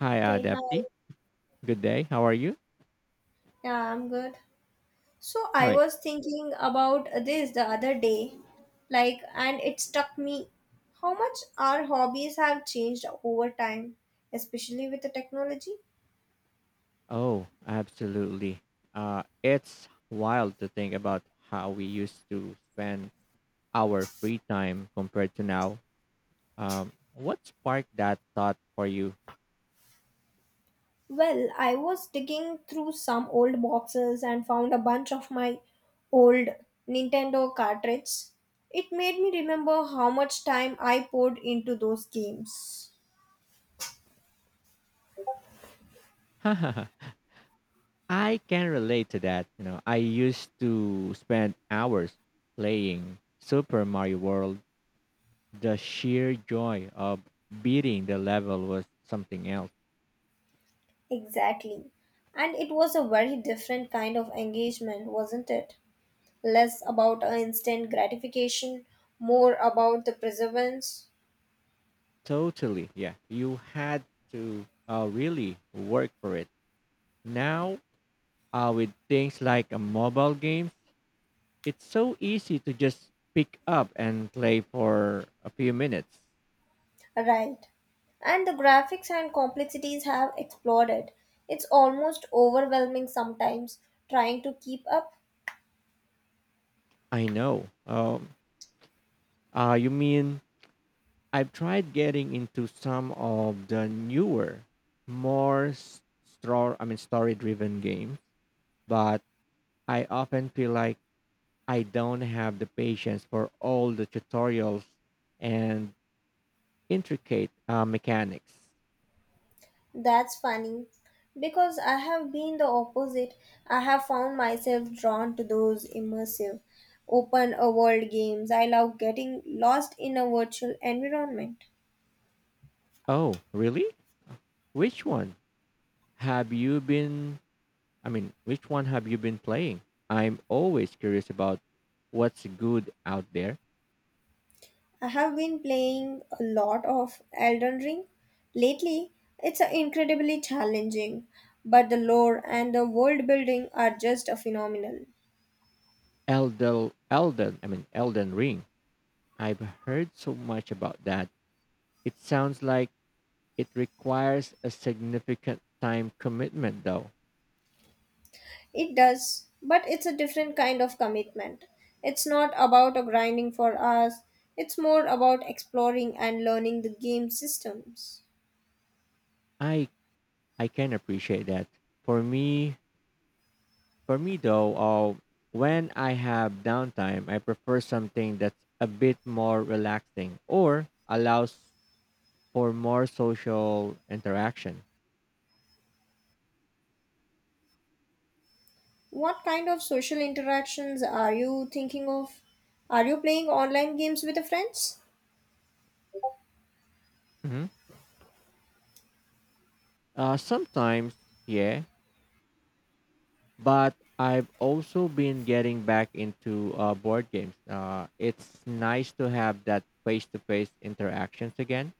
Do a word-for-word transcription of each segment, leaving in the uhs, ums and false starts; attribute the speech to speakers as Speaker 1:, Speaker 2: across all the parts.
Speaker 1: Hi, uh,
Speaker 2: Okay,
Speaker 1: Adepti.
Speaker 2: hi.
Speaker 1: Good day. How are you?
Speaker 2: Yeah, I'm good. So
Speaker 1: All
Speaker 2: I
Speaker 1: right.
Speaker 2: was thinking about this the other day, like, and it struck me how much our hobbies have changed over time, especially with the technology.
Speaker 1: Oh, absolutely. Uh, it's wild to think about how we used to spend our free time compared to now. Um, what sparked that thought for you?
Speaker 2: Well, I was digging through some old boxes and found a bunch of my old Nintendo cartridges. It made me remember how much time I poured into those games.
Speaker 1: I can relate to that. You know, I used to spend hours playing Super Mario World. The sheer joy of beating the level was something else.
Speaker 2: Exactly. And it was a very different kind of engagement, wasn't it? Less about uh, instant gratification, more about the perseverance,
Speaker 1: Totally. Yeah. You had to uh, really work for it. Now, uh, with things like a mobile games, it's so easy to just pick up and play for a few minutes.
Speaker 2: right? And the graphics and complexities have exploded. It's almost overwhelming sometimes trying to keep up.
Speaker 1: I know. Um, uh, you mean I've tried getting into some of the newer, more s- stor- I mean story-driven games, but I often feel like I don't have the patience for all the tutorials and intricate uh, mechanics.
Speaker 2: That's funny because I have been the opposite. I have found myself drawn to those immersive, open uh, world games. I love getting lost in a virtual environment.
Speaker 1: Oh, really? Which one have you been? I mean, which one have you been playing? I'm always curious about what's good out there.
Speaker 2: I have been playing a lot of Elden Ring lately. It's uh, incredibly challenging, but the lore and the world building are just uh, phenomenal.
Speaker 1: Elden, Elden. I mean, Elden Ring. I've heard so much about that. It sounds like it requires a significant time commitment, though.
Speaker 2: It does, but it's a different kind of commitment. It's not about uh, grinding for us. It's more about exploring and learning the game systems.
Speaker 1: I I can appreciate that. For me, For me though, uh, when I have downtime, I prefer something that's a bit more relaxing or allows for more social interaction.
Speaker 2: What kind of social interactions are you thinking of? Are you playing online games with the friends?
Speaker 1: Hmm. Uh, sometimes, yeah, but I've also been getting back into uh, board games. Uh, it's nice to have that face to face interactions again.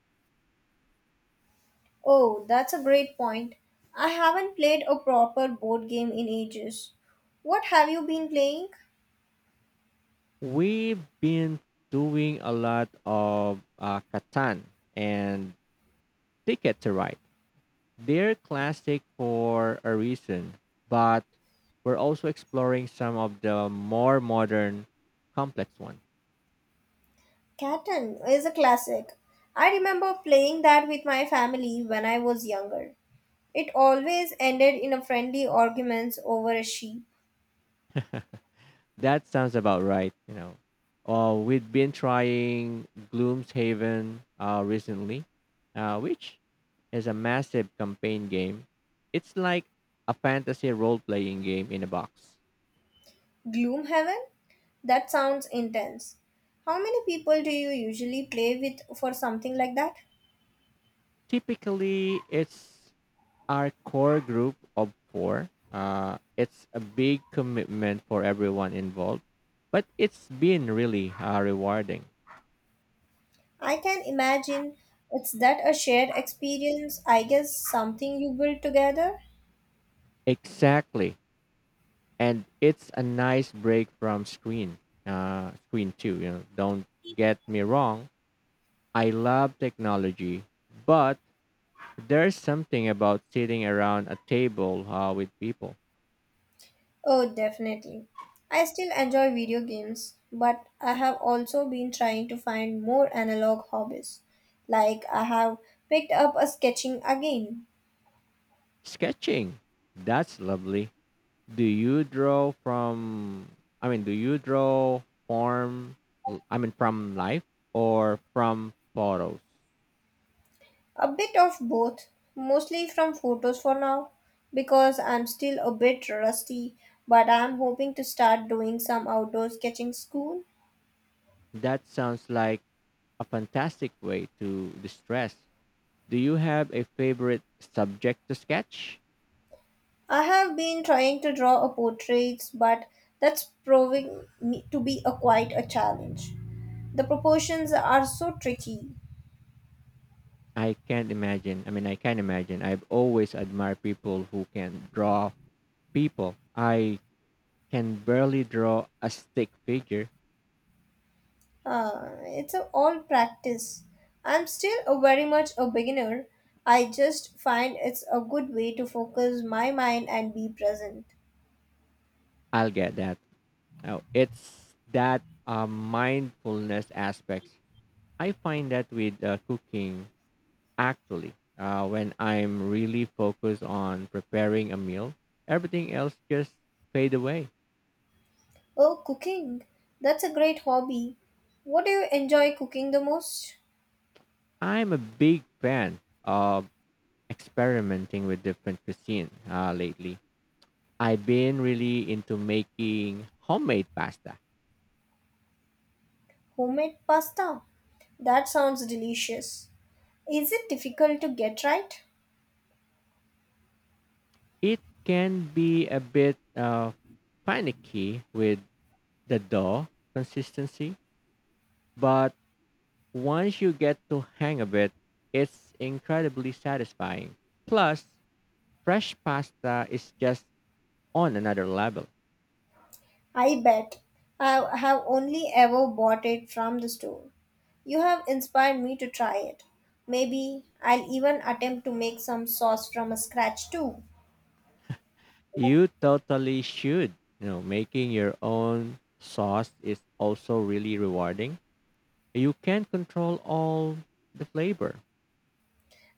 Speaker 2: Oh, that's a great point. I haven't played a proper board game in ages. What have you been playing?
Speaker 1: We've been doing a lot of uh, Catan and Ticket to Ride. They're classic for a reason, but we're also exploring some of the more modern, complex ones.
Speaker 2: Catan is a classic. I remember playing that with my family when I was younger. It always ended in a friendly arguments over a sheep.
Speaker 1: That sounds about right, you know. Uh, we've been trying Gloomshaven uh, recently, uh, which is a massive campaign game. It's like a fantasy role playing game in a box.
Speaker 2: Gloomhaven? That sounds intense. How many people do you usually play with for something like that?
Speaker 1: Typically, it's our core group of four. Uh, it's a big commitment for everyone involved, but it's been really uh, rewarding.
Speaker 2: I can imagine it's that a shared experience, I guess something you build together.
Speaker 1: Exactly, and it's a nice break from screen. Uh, screen too. You know, don't get me wrong. I love technology, but there's something about sitting around a table uh, with people
Speaker 2: Oh, definitely. I still enjoy video games, but I have also been trying to find more analog hobbies. Like, I have picked up a sketching again.
Speaker 1: sketching. That's lovely. Do you draw from i mean do you draw form I mean from life or from photos?
Speaker 2: A bit of both, mostly from photos for now, because I'm still a bit rusty, but I'm hoping to start doing some outdoor sketching school.
Speaker 1: That sounds like a fantastic way to distress. Do you have a favorite subject to sketch?
Speaker 2: I have been trying to draw a portraits, but that's proving me to be a quite a challenge. The proportions are so tricky.
Speaker 1: i can't imagine i mean I can't imagine. I've always admired people who can draw people. I can barely draw a stick figure.
Speaker 2: Uh, it's a all practice. I'm still a very much a beginner. I just find it's a good way to focus my mind and be present.
Speaker 1: I'll get that. Oh, it's that uh, mindfulness aspects. I find that with uh, cooking, actually, uh, when I'm really focused on preparing a meal, everything else just fade away.
Speaker 2: Oh, cooking. That's a great hobby. What do you enjoy cooking the most?
Speaker 1: I'm a big fan of experimenting with different cuisine uh, lately. I've been really into making homemade pasta.
Speaker 2: Homemade pasta. That sounds delicious. Is it difficult to get right?
Speaker 1: It can be a bit uh, panicky with the dough consistency, but once you get to hang of it, it's incredibly satisfying. Plus, fresh pasta is just on another level.
Speaker 2: I bet. I have only ever bought it from the store. You have inspired me to try it. Maybe I'll even attempt to make some sauce from scratch too.
Speaker 1: You totally should. You know, making your own sauce is also really rewarding. You can't control all the flavor.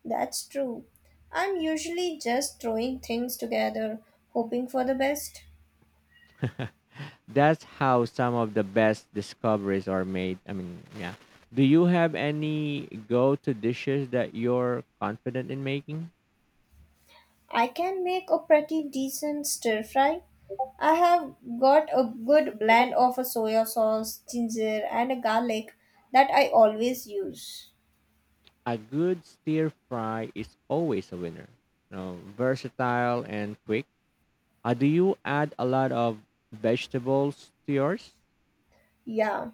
Speaker 2: That's true. I'm usually just throwing things together, hoping for the best.
Speaker 1: That's how some of the best discoveries are made. I mean, yeah. Do you have any go to dishes that you're confident in making?
Speaker 2: I can make a pretty decent stir fry. I have got a good blend of a soya sauce, ginger, and a garlic that I always use.
Speaker 1: A good stir fry is always a winner. You know, versatile and quick. Uh, do you add a lot of vegetables to yours?
Speaker 2: Yeah,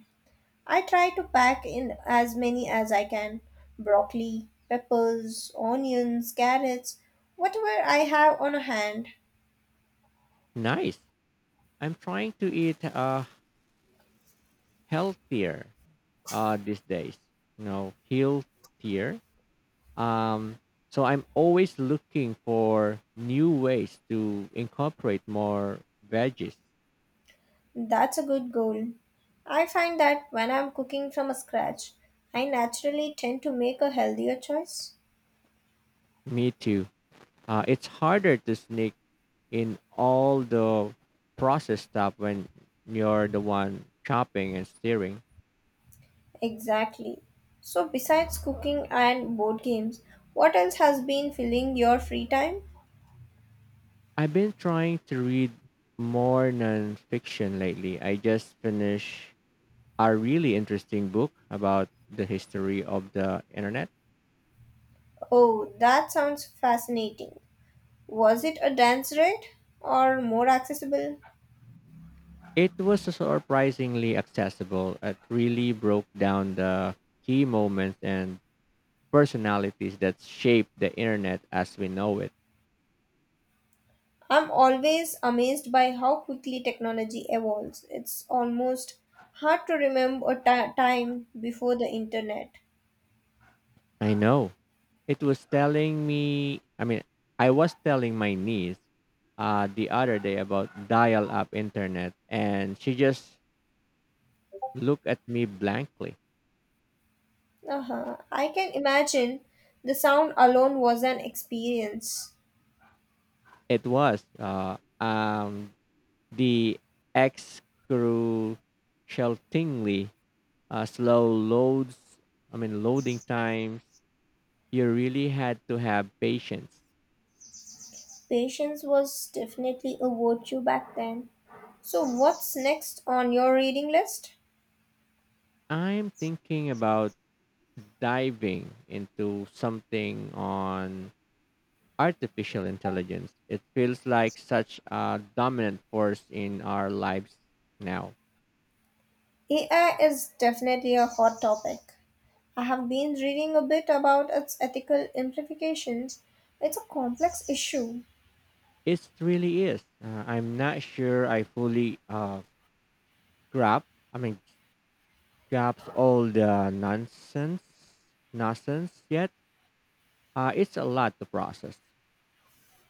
Speaker 2: I try to pack in as many as I can: broccoli, peppers, onions, carrots, whatever I have on hand.
Speaker 1: Nice. I'm trying to eat uh, healthier uh, these days. You know, healthier. Um, so I'm always looking for new ways to incorporate more veggies.
Speaker 2: That's a good goal. I find that when I'm cooking from scratch, I naturally tend to make a healthier choice.
Speaker 1: Me too. Uh, it's harder to sneak in all the process stuff when you're the one chopping and steering.
Speaker 2: Exactly. So, besides cooking and board games, what else has been filling your free time?
Speaker 1: I've been trying to read more nonfiction lately. I just finished a really interesting book about the history of the internet.
Speaker 2: Oh, that sounds fascinating. Was it a dance rate or more accessible?
Speaker 1: It was surprisingly accessible. It really broke down the key moments and personalities that shaped the internet as we know it.
Speaker 2: I'm always amazed by how quickly technology evolves. It's almost hard to remember a ti- time before the internet.
Speaker 1: I know. It was telling me I mean I was telling my niece uh the other day about dial up internet and she just looked at me blankly.
Speaker 2: Uh-huh. I can imagine the sound alone was an experience.
Speaker 1: It was uh um the excruciatingly uh, slow loads i mean loading times. You really had to have patience.
Speaker 2: Patience was definitely a virtue back then. So, what's next on your reading list?
Speaker 1: I'm thinking about diving into something on artificial intelligence. It feels like such a dominant force in our lives now.
Speaker 2: A I is definitely a hot topic. I have been reading a bit about its ethical implications. It's a complex issue,
Speaker 1: It really is. Uh, I'm not sure I fully uh, grasp. I mean, grasp all the nonsense, nonsense yet. Uh, it's a lot to process.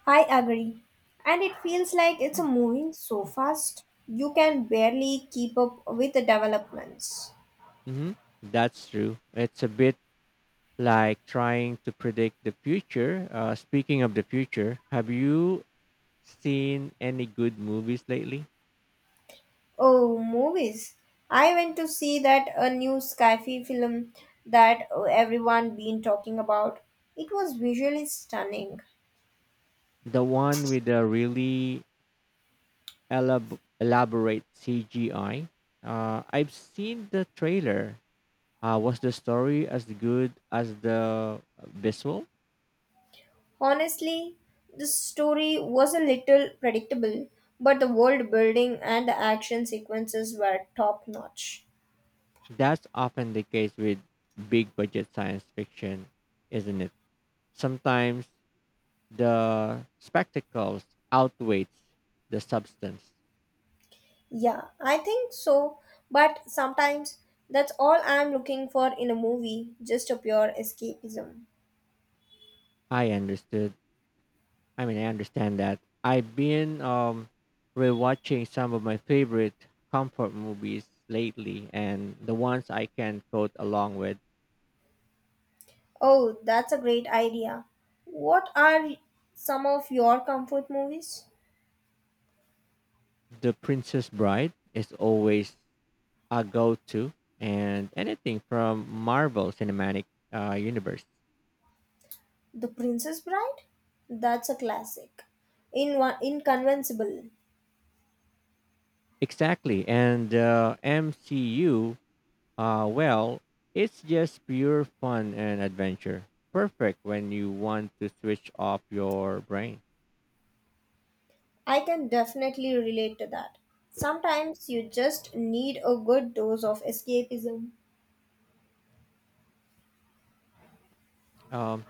Speaker 2: I agree. And it feels like it's moving so fast, you can barely keep up with the developments.
Speaker 1: Hmm. That's true. It's a bit like trying to predict the future. Uh, speaking of the future, have you seen any good movies lately?
Speaker 2: Oh, movies. I went to see that a new sci-fi film that uh, everyone been talking about. It was visually stunning.
Speaker 1: The one with the really elab- elaborate C G I. Uh, I've seen the trailer. Uh, was the story as good as the visual?
Speaker 2: Honestly, the story was a little predictable, but the world building and the action sequences were top notch.
Speaker 1: That's often the case with big budget science fiction, isn't it? Sometimes the spectacles outweighs the substance.
Speaker 2: Yeah, I think so. But sometimes that's all I'm looking for in a movie, just a pure escapism.
Speaker 1: I understood. I mean, I understand that. I've been um, rewatching some of my favorite comfort movies lately, and the ones I can quote along with.
Speaker 2: Oh, that's a great idea. What are some of your comfort movies?
Speaker 1: The Princess Bride is always a go-to, and anything from Marvel Cinematic uh, Universe.
Speaker 2: The Princess Bride? That's a classic. In one, inconvincible.
Speaker 1: Exactly, and uh, M C U. Uh, well, it's just pure fun and adventure. Perfect when you want to switch off your brain.
Speaker 2: I can definitely relate to that. Sometimes you just need a good dose of escapism.
Speaker 1: Um,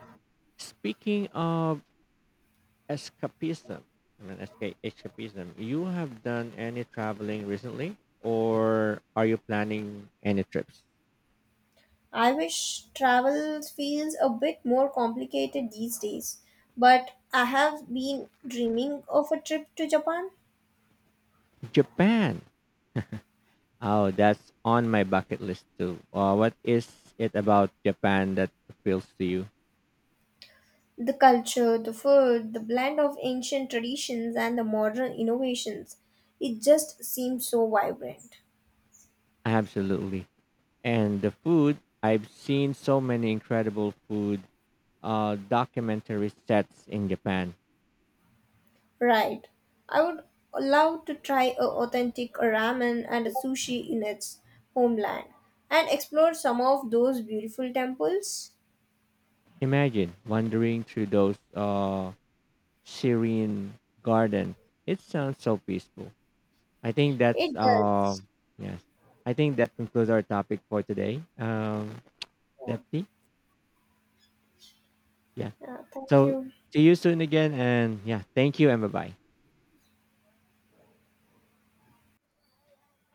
Speaker 1: speaking of escapism, I mean escape escapism. You have done any traveling recently, or are you planning any trips?
Speaker 2: I wish travel feels a bit more complicated these days, but I have been dreaming of a trip to Japan.
Speaker 1: Japan. Oh, that's on my bucket list too. Uh, what is it about Japan that appeals to you?
Speaker 2: The culture, the food, the blend of ancient traditions and the modern innovations, it just seems so vibrant.
Speaker 1: Absolutely. And the food, I've seen so many incredible food uh, documentary sets in Japan.
Speaker 2: Right. I would love to try a authentic ramen and a sushi in its homeland and explore some of those beautiful temples.
Speaker 1: Imagine wandering through those uh, serene gardens. It sounds so peaceful. I think that's,
Speaker 2: It
Speaker 1: uh,
Speaker 2: does.
Speaker 1: yes, I think that concludes our topic for today. Um,
Speaker 2: Yeah.
Speaker 1: Depti? Yeah.
Speaker 2: Yeah, thank
Speaker 1: So
Speaker 2: you.
Speaker 1: see you soon again. And yeah, thank you and bye bye.